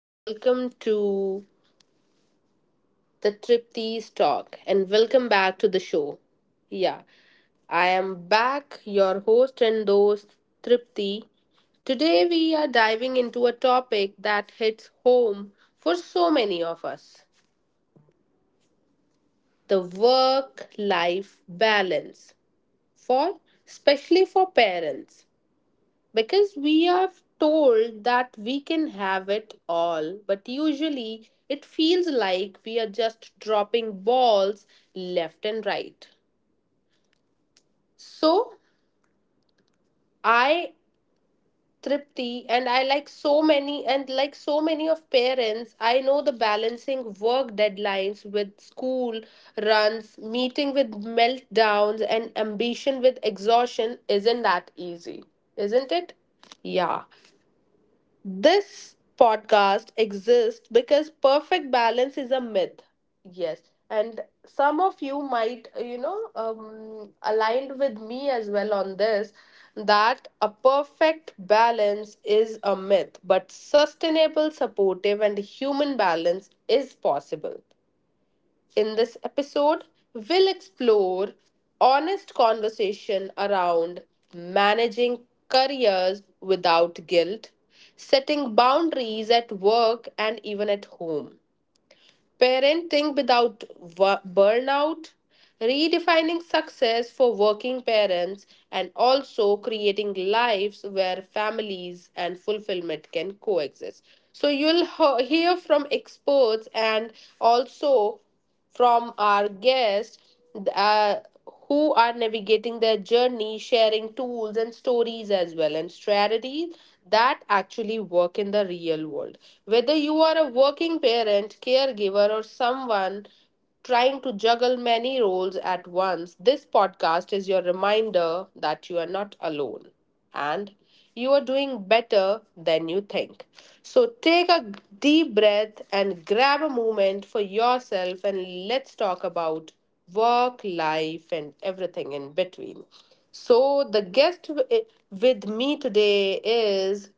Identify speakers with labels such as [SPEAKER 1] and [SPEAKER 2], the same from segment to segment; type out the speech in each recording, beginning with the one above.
[SPEAKER 1] Welcome to the Tripties Talk and welcome back to the show. Yeah, I am back, your host and host, Tripti. Today, we are diving into a topic that hits home for so many of us, the work life balance, for especially for parents. Because we are told that we can have it all, but usually it feels like we are just dropping balls left and right. So I Tripti, and I like so many of parents, I know the balancing work deadlines with school runs, meeting with meltdowns and ambition with exhaustion isn't that easy, isn't it? Yeah. This podcast exists because perfect balance is a myth. Yes. And some of you might, aligned with me as well on this that a perfect balance is a myth, but sustainable, supportive, and human balance is possible. In this episode, we'll explore honest conversation around managing careers without guilt, setting boundaries at work and even at home. Parenting without burnout, redefining success for working parents, and also creating lives where families and fulfillment can coexist. So, you'll hear from experts and also from our guest. Uh, who are navigating their journey, sharing tools and stories as well, and strategies that actually work in the real world. Whether you are a working parent, caregiver, or someone trying to juggle many roles at once, this podcast is your reminder that you are not alone. And you are doing better than you think. So take a deep breath and grab a moment for yourself, and let's talk about work, life, and everything in between. So the guest with me today is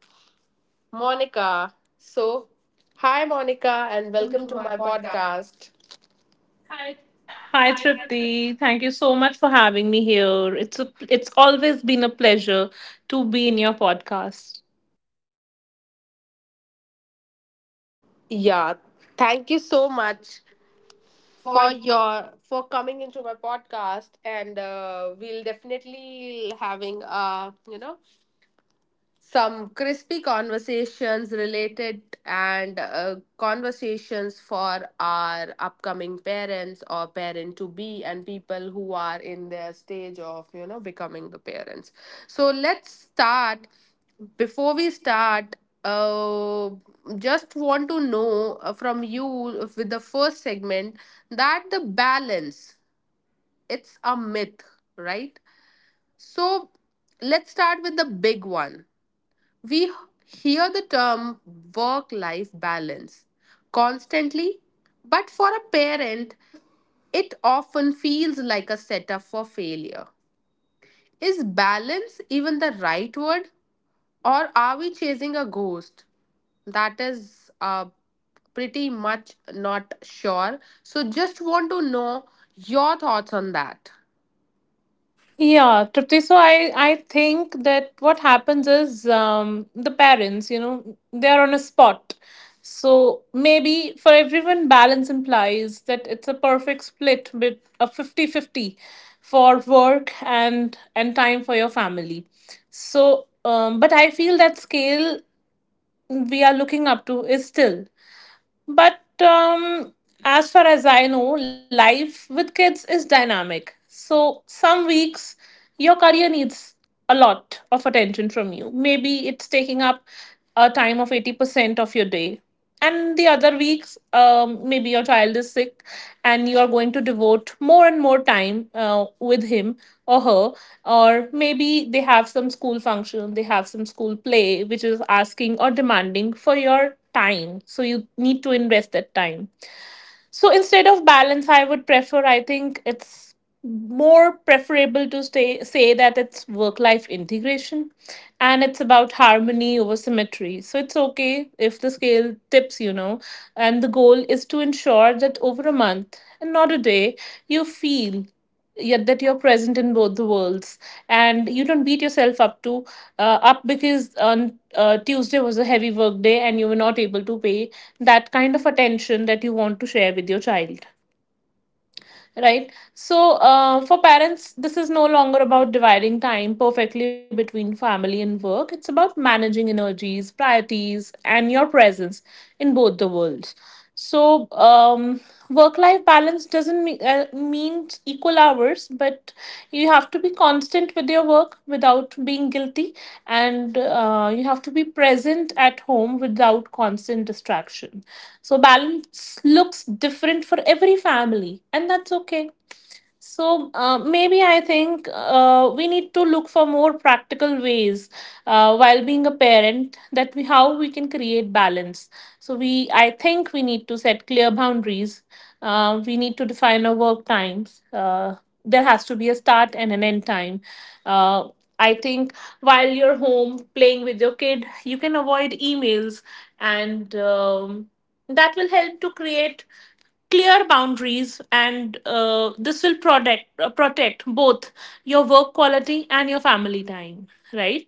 [SPEAKER 1] Monica. So, hi Monica, and welcome to my podcast.
[SPEAKER 2] Hi Tripti, thank you so much for having me here. It's always been a pleasure to be in your podcast.
[SPEAKER 1] Yeah, thank you so much for your for coming into my podcast, and we'll definitely having a, you know, some crispy conversations related, and conversations for our upcoming parents or parent to be, and people who are in their stage of, you know, becoming the parents. So let's start. Before we start, uh, just want to know, from you with the first segment that the balance, it's a myth, right? So let's start with the big one. We hear the term work life balance constantly, but for a parent, it often feels like a setup for failure. Is balance even the right word, or are we chasing a ghost? That is, pretty much not sure. So, just want to know your thoughts on that.
[SPEAKER 2] Yeah, Tripti. So I think that what happens is, the parents, you know, they are on a spot. So maybe for everyone, balance implies that it's a perfect split, with a 50-50 for work and time for your family. So, but I feel that scale we are looking up to is still. But as far as I know, life with kids is dynamic. So some weeks your career needs a lot of attention from you. Maybe it's taking up a time of 80% of your day, and the other weeks, maybe your child is sick and you are going to devote more and more time with him or her, or maybe they have some school function, they have some school play which is asking or demanding for your time, so you need to invest that time. So instead of balance, I would prefer, I think it's more preferable to stay, say that it's work life integration, and it's about harmony over symmetry. So it's okay if the scale tips, you know, and the goal is to ensure that over a month and not a day, you feel yet that you're present in both the worlds, and you don't beat yourself up because on Tuesday was a heavy work day and you were not able to pay that kind of attention that you want to share with your child, right? So, for parents, this is no longer about dividing time perfectly between family and work. It's about managing energies, priorities, and your presence in both the worlds. So, work life balance doesn't mean, equal hours, but you have to be constant with your work without being guilty, and you have to be present at home without constant distraction. So, balance looks different for every family, and that's okay. So maybe I think we need to look for more practical ways while being a parent, that we how we can create balance. So we I think we need to set clear boundaries. We need to define our work times. There has to be a start and an end time. Uh, I think while you're home playing with your kid, you can avoid emails, and that will help to create clear boundaries, and this will protect protect both your work quality and your family time, right?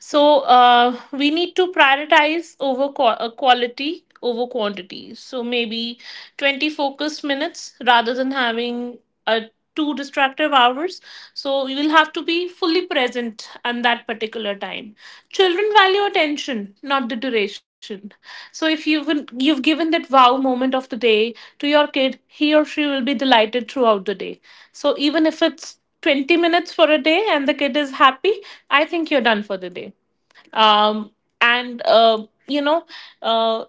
[SPEAKER 2] So we need to prioritize over quality over quantity. So maybe 20 focused minutes rather than having uh, two distractive hours. So you will have to be fully present on that particular time. Children value attention, not the duration. So if you've given that wow moment of the day to your kid, he or she will be delighted throughout the day. So even if it's 20 minutes for a day and the kid is happy, I think you're done for the day. Um, and you know uh,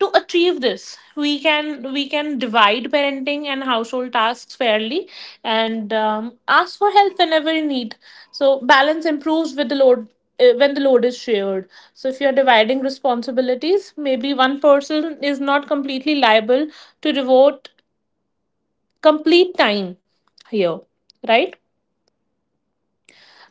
[SPEAKER 2] to achieve this, we can divide parenting and household tasks fairly, and ask for help whenever you need. So balance improves with the load, when the load is shared. So if you're dividing responsibilities, maybe one person is not completely liable to devote complete time here, right?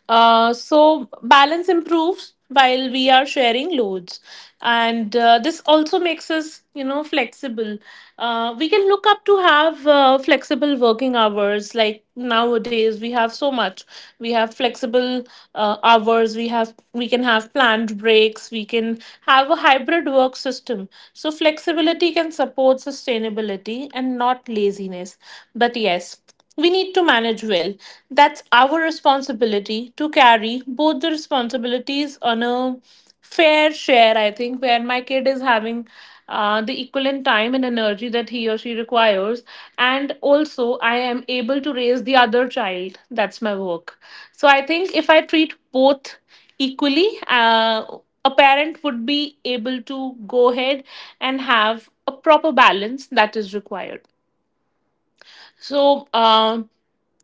[SPEAKER 2] So balance improves while we are sharing loads, and this also makes us, you know, flexible. We can look up to have flexible working hours. Like nowadays we have so much, we have flexible hours, we can have planned breaks, we can have a hybrid work system. So flexibility can support sustainability and not laziness, but yes, we need to manage well. That's our responsibility to carry both the responsibilities on a fair share, I think, where my kid is having the equivalent time and energy that he or she requires. And also, I am able to raise the other child. That's my work. So I think if I treat both equally, a parent would be able to go ahead and have a proper balance that is required. So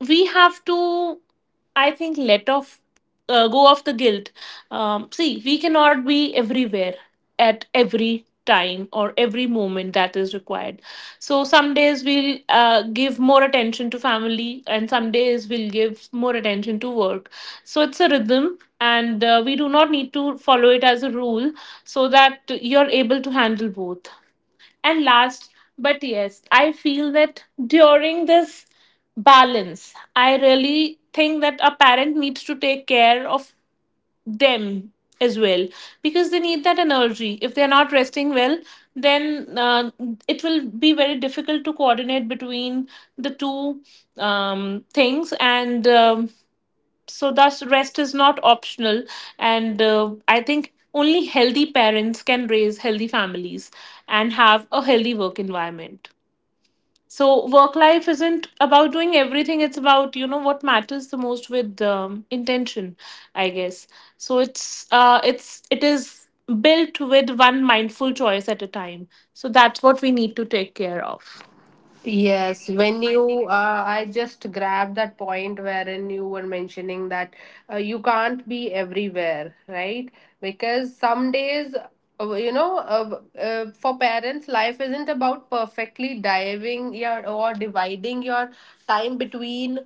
[SPEAKER 2] we have to, I think, let off, go off the guilt. See, we cannot be everywhere at every time or every moment that is required. So some days we'll give more attention to family, and some days we'll give more attention to work. So it's a rhythm, and we do not need to follow it as a rule, so that you're able to handle both. And last, but yes, I feel that during this balance, I really think that a parent needs to take care of them as well, because they need that energy. If they're not resting well, then it will be very difficult to coordinate between the two things. And so thus rest is not optional, and I think only healthy parents can raise healthy families and have a healthy work environment. So work life isn't about doing everything, it's about, you know, what matters the most with, intention, I guess. So it is built with one mindful choice at a time. So that's what we need to take care of.
[SPEAKER 1] Yes, when you, I just grabbed that point wherein you were mentioning that you can't be everywhere, right? Because some days, for parents, life isn't about perfectly diving your, or dividing your time between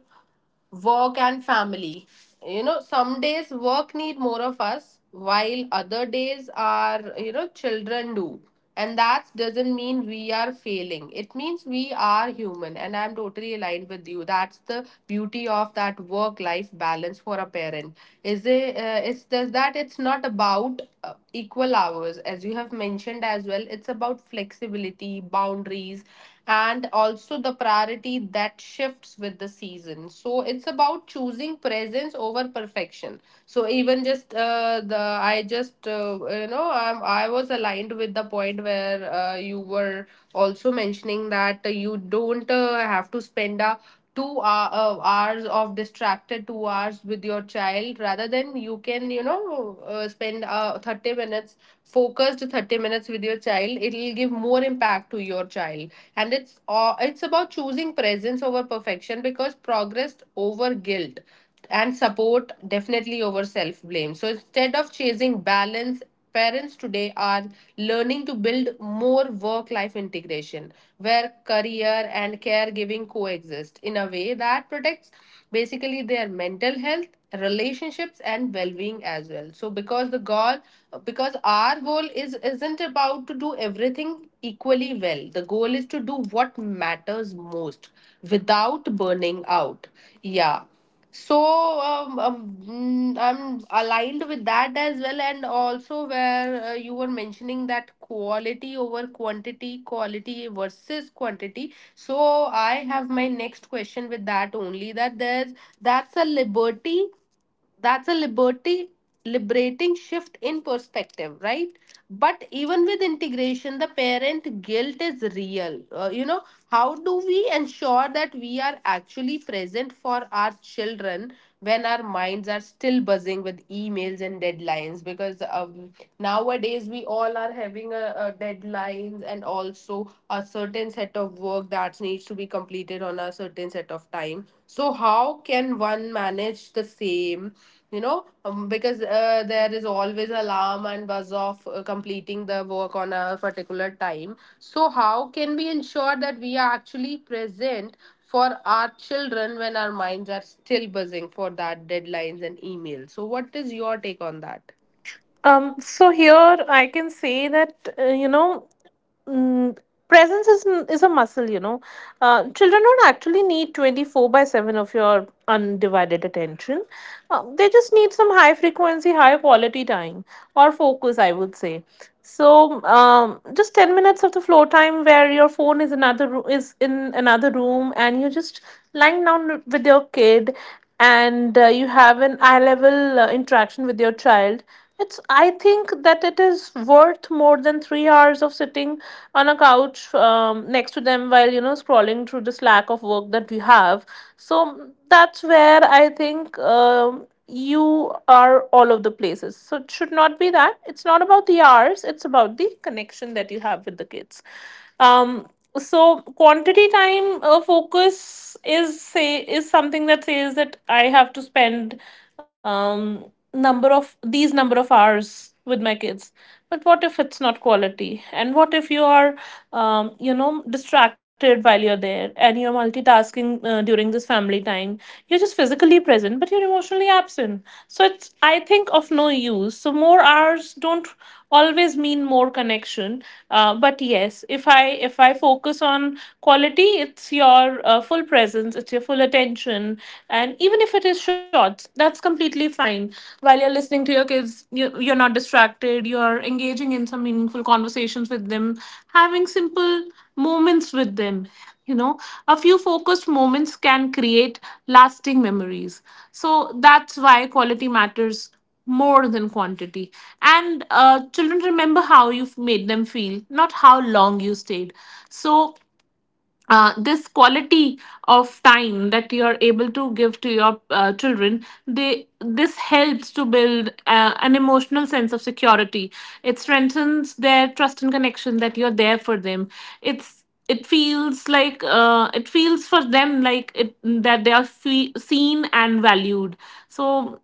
[SPEAKER 1] work and family. You know, some days work need more of us, while other days, are you know, children do. And that doesn't mean we are failing, it means we are human, and I'm totally aligned with you. That's the beauty of that. Work life balance for a parent is it it's just that it's not about equal hours, as you have mentioned as well. It's about flexibility, boundaries, and also the priority that shifts with the season. So it's about choosing presence over perfection. So even just the I just you know I'm, I was aligned with the point where you were also mentioning that you don't have to spend a 2 hour, hours of distracted 2 hours with your child, rather than you can, you know, spend 30 minutes focused, 30 minutes with your child. It will give more impact to your child. And it's about choosing presence over perfection, because progress over guilt and support definitely over self blame. So instead of chasing balance, parents today are learning to build more work life integration, where career and caregiving coexist in a way that protects basically their mental health, relationships, and well-being as well. So because the goal, because our goal is isn't about to do everything equally well. The goal is to do what matters most without burning out. Yeah. So I'm aligned with that as well, and also where you were mentioning that quality over quantity, quality versus quantity. So I have my next question with that only. That there's that's a liberty, that's a liberty liberating shift in perspective, right? But even with integration, the parent guilt is real. You know, how do we ensure that we are actually present for our children when our minds are still buzzing with emails and deadlines? Because nowadays we all are having a deadlines and also a certain set of work that needs to be completed on a certain set of time. So how can one manage the same? You know, because there is always alarm and buzz of completing the work on a particular time. So how can we ensure that we are actually present for our children when our minds are still buzzing for that deadlines and emails? So what is your take on that?
[SPEAKER 2] So here I can say that, mm, presence is a muscle. You know, children don't actually need 24/7 of your undivided attention. They just need some high frequency, high quality time or focus, I would say. So, just 10 minutes of the floor time where your phone is is in another room, and you're just lying down with your kid, and you have an eye level interaction with your child. It's, I think that it is worth more than 3 hours of sitting on a couch, next to them while, you know, scrolling through the slack of work that we have. So, that's where I think, you are all of the places. So it should not be that. It's not about the hours. It's about the connection that you have with the kids. Um, so quantity time, focus is say is something that says that I have to spend number of hours with my kids, but what if it's not quality, and what if you are, distracted while you're there, and you're multitasking during this family time? You're just physically present but you're emotionally absent, so it's, I think, of no use. So more hours don't always mean more connection. But yes, if I focus on quality, it's your full presence, it's your full attention, and even if it is short, that's completely fine. While you're listening to your kids, you're not distracted, you're engaging in some meaningful conversations with them, having simple moments with them, you know. A few focused moments can create lasting memories, so that's why quality matters more than quantity. And children remember how you've made them feel, not how long you stayed. So this quality of time that you are able to give to your children, they this helps to build an emotional sense of security. It strengthens their trust and connection that you're there for them. It's, it feels like, it feels for them like, it that they are seen and valued. So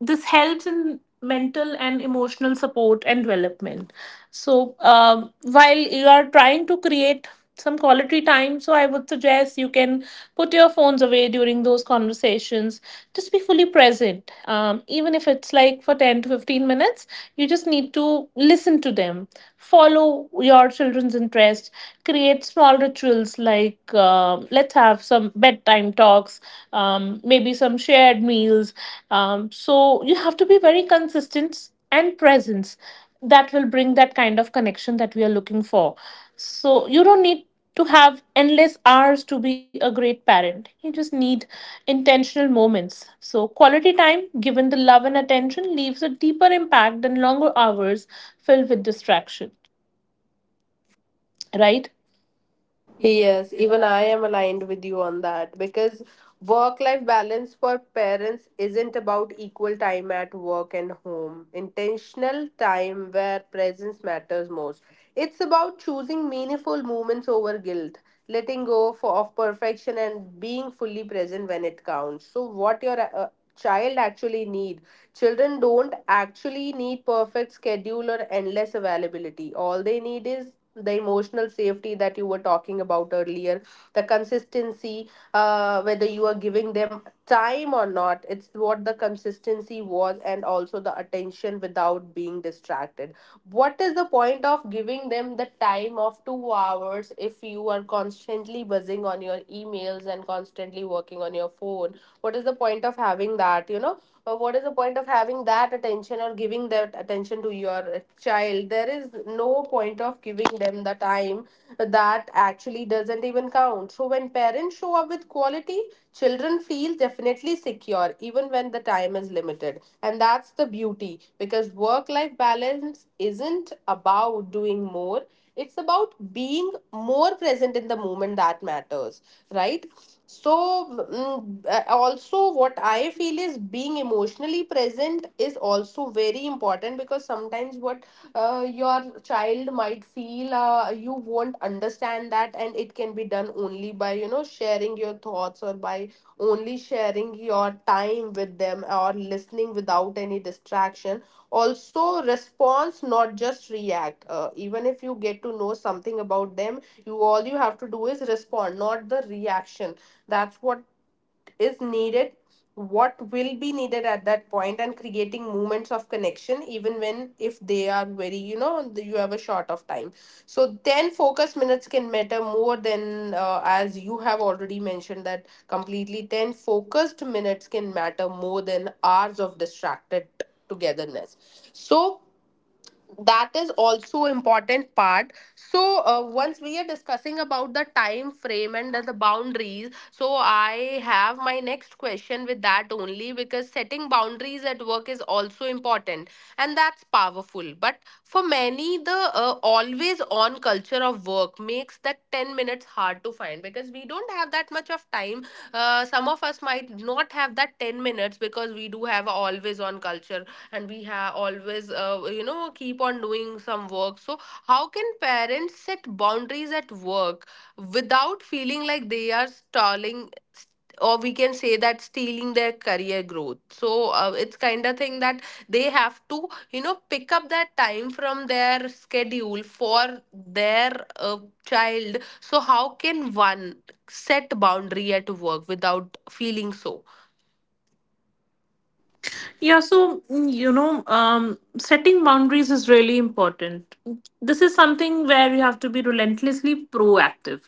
[SPEAKER 2] this helps in mental and emotional support and development. So, while you are trying to create some quality time, so I would suggest you can put your phones away during those conversations, just be fully present, even if it's like for 10 to 15 minutes. You just need to listen to them, follow your children's interest, create small rituals like, um, let's have some bedtime talks, maybe some shared meals. So you have to be very consistent and presence. That will bring that kind of connection that we are looking for. So you don't need to have endless hours to be a great parent. You just need intentional moments. So quality time, given the love and attention, leaves a deeper impact than longer hours filled with distraction. Right?
[SPEAKER 1] Yes, even I am aligned with you on that, because work life balance for parents isn't about equal time at work and home. Intentional time where presence matters most. It's about choosing meaningful moments over guilt, letting go of perfection, and being fully present when it counts. So what your child actually need, children don't actually need perfect schedule or endless availability. All they need is the emotional safety that you were talking about earlier, the consistency, whether you are giving them time or not, it's what the consistency was, and also the attention without being distracted. What is the point of giving them the time of 2 hours if you are constantly buzzing on your emails and constantly working on your phone? What is the point of having that, you know, but what is the point of having that attention or giving that attention to your child? There is no point of giving them the time that actually doesn't even count. So when parents show up with quality, children feel definitely secure even when the time is limited. And that's the beauty, because work life balance isn't about doing more, it's about being more present in the moment that matters, right? So also what I feel is being emotionally present is also very important, because sometimes what your child might feel, you won't understand that, and it can be done only by, you know, sharing your thoughts, or by only sharing your time with them, or listening without any distraction. Also response, not just react. Even if you get to know something about them, you, all you have to do is respond, not the reaction. That's what is needed, what will be needed at that point, and creating moments of connection even when, if they are very, you know, you have a short of time. So then focus minutes can matter more than, as you have already mentioned that, completely, 10 focused minutes can matter more than hours of distracted togetherness. So that is also important part. So once we are discussing about the time frame and the boundaries, so I have my next question with that only, because setting boundaries at work is also important, and that's powerful. But for many, the always on culture of work makes that 10 minutes hard to find, because we don't have that much of time. Some of us might not have that 10 minutes, because we do have a always on culture, and we have always, you know, keep on doing some work. So how can parents set boundaries at work without feeling like they are stalling, or we can say that stealing their career growth? So it's kind of thing that they have to, you know, pick up that time from their schedule for their child. So how can one set boundary at work without feeling so?
[SPEAKER 2] Yeah, so, setting boundaries is really important. This is something where you have to be relentlessly proactive.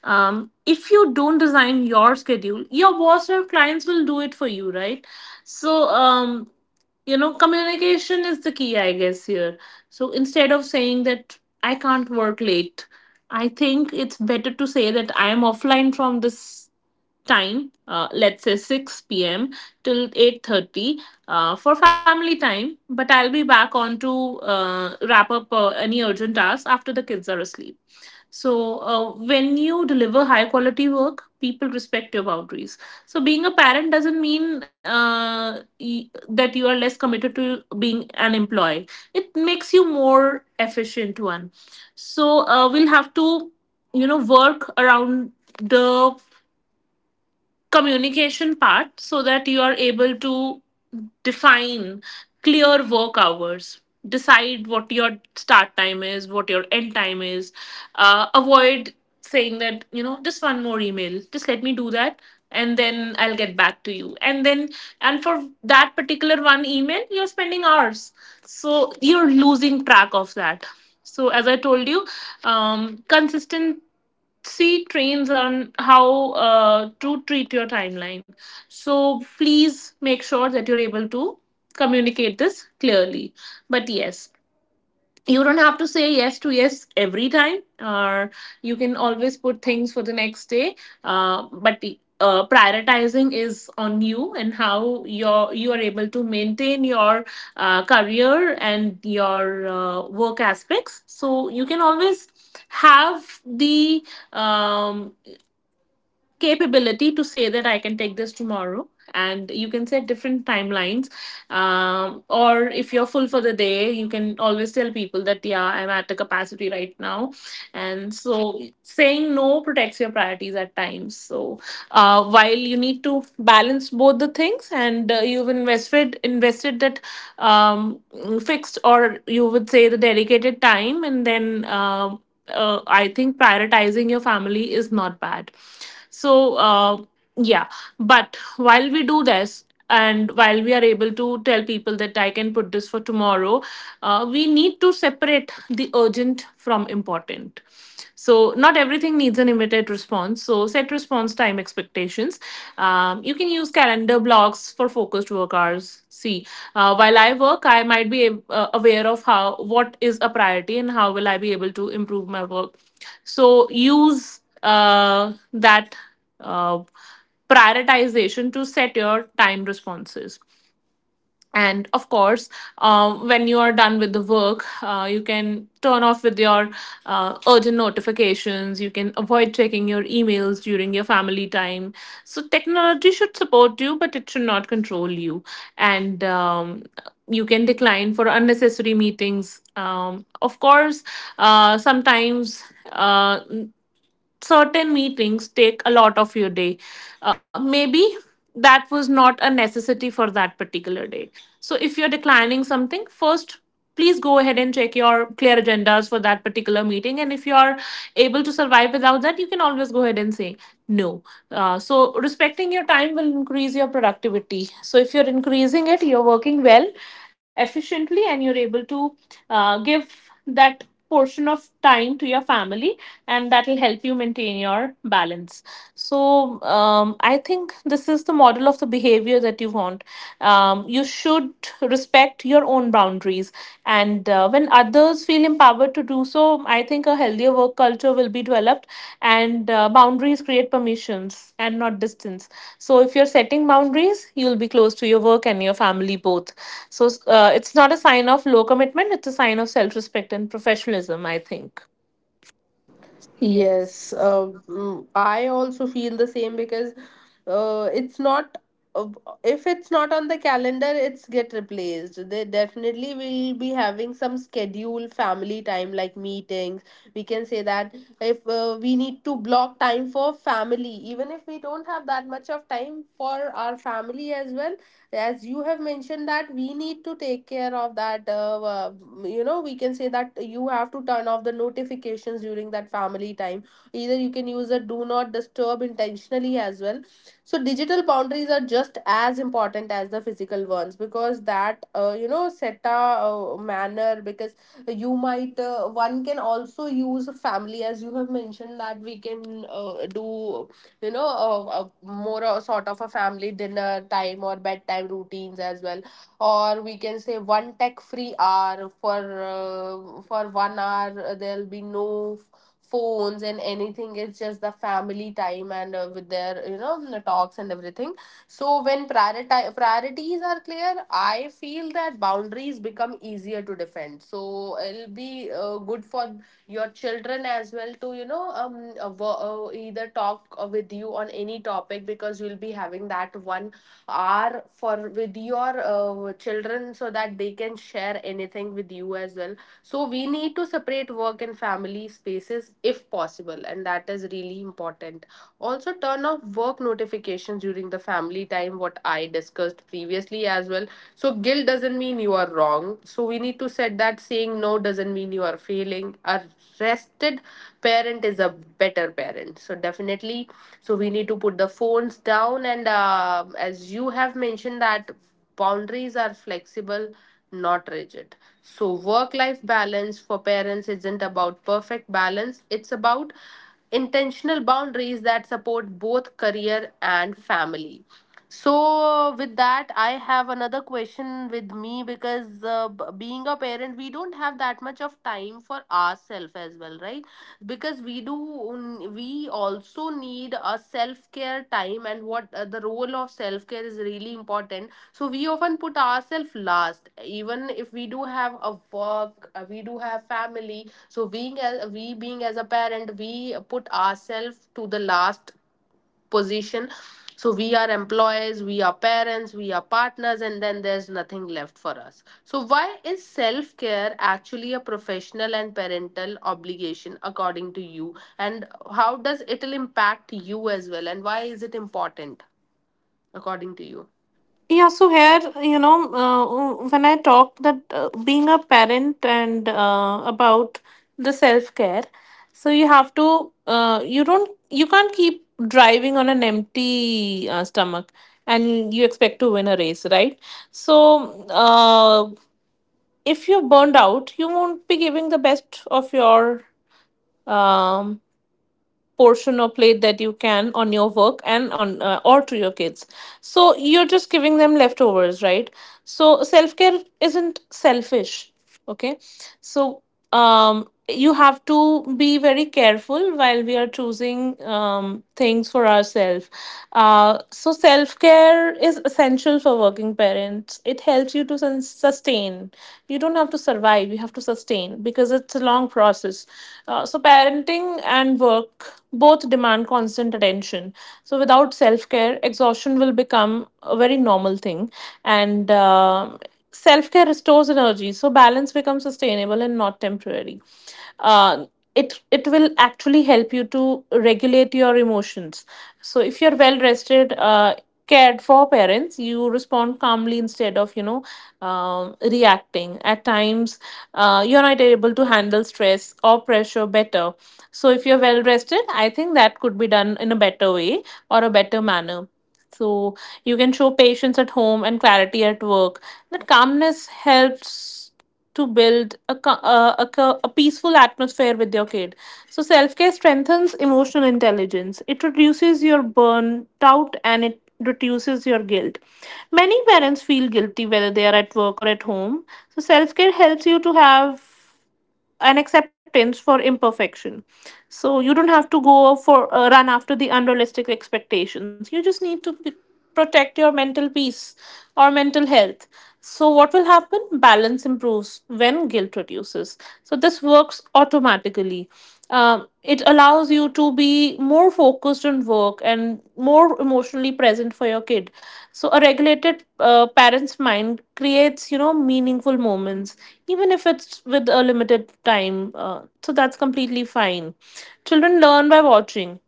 [SPEAKER 2] If you don't design your schedule, your boss or clients will do it for you, right? So, communication is the key, I guess, here. So instead of saying that I can't work late, I think it's better to say that I am offline from this time, let's say 6 p.m till 8:30 for family time, but I'll be back on to wrap up any urgent tasks after the kids are asleep. So when you deliver high quality work, people respect your boundaries. So being a parent doesn't mean that you are less committed to being an employee. It makes you more efficient one. So we'll have to, you know, work around the communication part so that you are able to define clear work hours, decide what your start time is, what your end time is, avoid saying that, you know, just one more email, just let me do that and then I'll get back to you. And then, and for that particular one email, you're spending hours, so you're losing track of that. So as I told you, consistent see trains on how to treat your timeline. So please make sure that you're able to communicate this clearly. But yes, you don't have to say yes to yes every time, or you can always put things for the next day. Uh, but prioritizing is on you, and how you are able to maintain your career and your work aspects. So you can always have the um, capability to say that I can take this tomorrow. And you can set different timelines. Or if you're full for the day, you can always tell people that, yeah, I'm at the capacity right now. And so saying no protects your priorities at times. So while you need to balance both the things, and you've invested that um, fixed, or you would say the dedicated time, and then I think prioritizing your family is not bad. So, yeah, but while we do this, and while we are able to tell people that I can put this for tomorrow, we need to separate the urgent from important. So, not everything needs an immediate response. So, set response time expectations. You can use calendar blocks for focused work hours. See, while I work, I might be aware of how what is a priority, and how will I be able to improve my work. So use that uh, prioritization to set your time responses. And of course, when you are done with the work, you can turn off with your urgent notifications. You can avoid checking your emails during your family time. So technology should support you, but it should not control you. And you can decline for unnecessary meetings, of course. Uh, sometimes uh, certain meetings take a lot of your day. Maybe that was not a necessity for that particular day. So if you're declining something, first please go ahead and check your clear agendas for that particular meeting, and if you are able to survive without that, you can always go ahead and say no. So respecting your time will increase your productivity. So if you're increasing it, you're working well, efficiently, and you're able to give that portion of time to your family, and that will help you maintain your balance. So, I think this is the model of the behavior that you want. You should respect your own boundaries, and when others feel empowered to do so, I think a healthier work culture will be developed, and boundaries create permissions and not distance. So, if you're setting boundaries, you'll be close to your work and your family both. So, it's not a sign of low commitment, it's a sign of self respect and professionalism, I think.
[SPEAKER 1] Yes, I also feel the same, because it's not uh, if it's not on the calendar, it's get replaced. They definitely will be having some schedule family time like meetings. We can say that if we need to block time for family, even if we don't have that much of time for our family as well, as you have mentioned that we need to take care of that. You know, we can say that you have to turn off the notifications during that family time. Either you can use a do not disturb intentionally as well. So digital boundaries are just as important as the physical ones, because that you know, set a manner. Because you might one can also use family, as you have mentioned, that we can do, you know, a more a sort of a family dinner time or bedtime routines as well. Or we can say one tech free hour for 1 hour. There'll be no phones and anything, it's just the family time, and with their, you know, the talks and everything. So when priorities are clear, I feel that boundaries become easier to defend. So it'll be good for your children as well, to you know, either talk with you on any topic, because you'll be having that 1 hour for with your children, so that they can share anything with you as well. So we need to separate work and family spaces if possible, and that is really important. Also turn off work notifications during the family time, what I discussed previously as well. So guilt doesn't mean you are wrong, so we need to set that saying no doesn't mean you are failing. A rested parent is a better parent, so definitely. So we need to put the phones down, and as you have mentioned that boundaries are flexible, not rigid. So work life balance for parents isn't about perfect balance, it's about intentional boundaries that support both career and family. So, with that, I have another question with me, because being a parent, we don't have that much of time for ourselves as well, right? Because we do, we also need a self care time. And what the role of self care is really important. So we often put ourselves last, even if we do have a work, we do have family. So being as a parent, we put ourselves to the last position. So we are employees, we are parents, we are partners, and then there's nothing left for us. So why is self care actually a professional and parental obligation according to you, and how does it'll impact you as well, and why is it important according to you?
[SPEAKER 2] Yeah, so here, you know, when I talk that being a parent and about the self-care, so you have to, you can't keep driving on an empty stomach and you expect to win a race, right? So, if you're burned out, you won't be giving the best of your um, portion or plate that you can on your work, and on or to your kids. So you're just giving them leftovers, right? So self care isn't selfish. Okay. So you have to be very careful while we are choosing things for ourselves. So, self care is essential for working parents. It helps you to sustain. You don't have to survive, you have to sustain, because it's a long process. So, parenting and work both demand constant attention. So, without self care, exhaustion will become a very normal thing. And self care restores energy. So, balance becomes sustainable and not temporary. Uh, it will actually help you to regulate your emotions. So, if you're well rested, cared for parents, you respond calmly instead of, you know, reacting. At times, you're not able to handle stress or pressure better. So, if you're well rested, I think that could be done in a better way or a better manner. So, you can show patience at home and clarity at work. That calmness helps to build a peaceful atmosphere with your kid. So, self care strengthens emotional intelligence. It reduces your burnout and it reduces your guilt. Many parents feel guilty whether they are at work or at home. So, self care helps you to have an acceptance for imperfection. So, you don't have to go for run after the unrealistic expectations. You just need to protect your mental peace or mental health. So, what will happen? Balance improves when guilt reduces. So, this works automatically. It allows you to be more focused on work and more emotionally present for your kid. So a regulated parent's mind creates, you know, meaningful moments, even if it's with a limited time. So that's completely fine. Children learn by watching.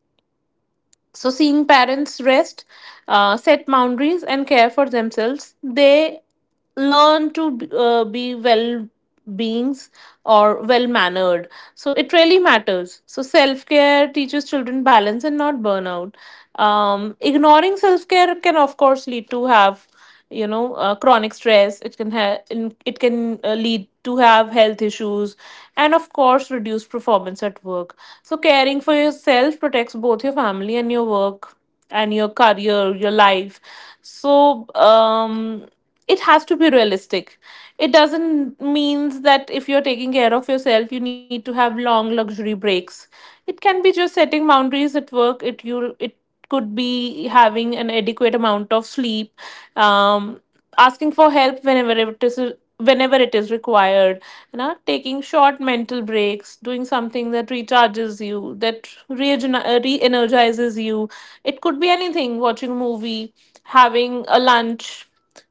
[SPEAKER 2] So, seeing parents rest, set boundaries, and care for themselves, they learn to be well beings or well mannered. So, it really matters. So, self care teaches children balance and not burnout. Ignoring self care can, of course, lead to have, you know, chronic stress. It can lead to have health issues, and of course reduce performance at work. So caring for yourself protects both your family and your work, and your career, your life. So it has to be realistic. It doesn't means that if you're taking care of yourself you need to have long luxury breaks. It can be just setting boundaries at work, it could be having an adequate amount of sleep, um, asking for help whenever it is required, you know, taking short mental breaks, doing something that recharges you, that re-energizes you. It could be anything, watching a movie, having a lunch,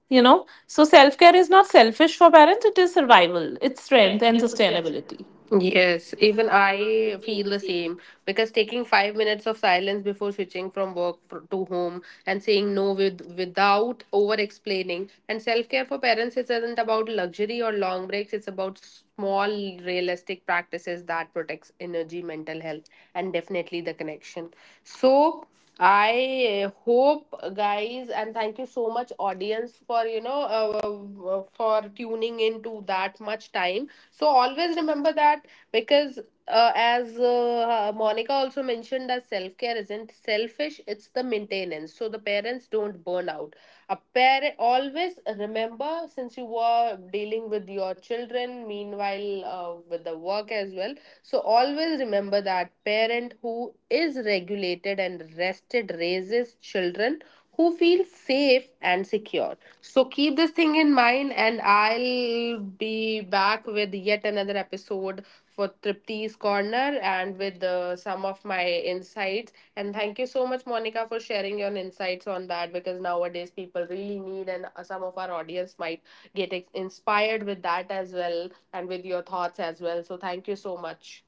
[SPEAKER 2] you know. So self-care is not selfish for parents, it is survival, it's strength and sustainability.
[SPEAKER 1] Yes, even I feel the same, because taking 5 minutes of silence before switching from work to home, and saying no with without over explaining. And self care for parents isn't about luxury or long breaks. It's about small realistic practices that protects energy, mental health, and definitely the connection. So I hope, guys, and thank you so much, audience, for you know, for tuning into that much time. So always remember that. Because, as Monica also mentioned, that self care isn't selfish, it's the maintenance. So the parents don't burn out. A parent always remember, since you were dealing with your children, meanwhile with the work as well. So always remember that parent who is regulated and rested raises children who feel safe and secure. So keep this thing in mind, and I'll be back with yet another episode for Tripti's Corner, and with some of my insights. And thank you so much, Monica, for sharing your insights on that, because nowadays people really need, and some of our audience might get inspired with that as well, and with your thoughts as well. So thank you so much.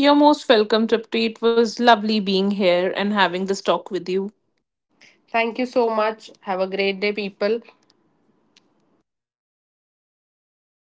[SPEAKER 2] You're most welcome, Tripti. It was lovely being here and having this talk with you.
[SPEAKER 1] Thank you so much. Have a great day, people.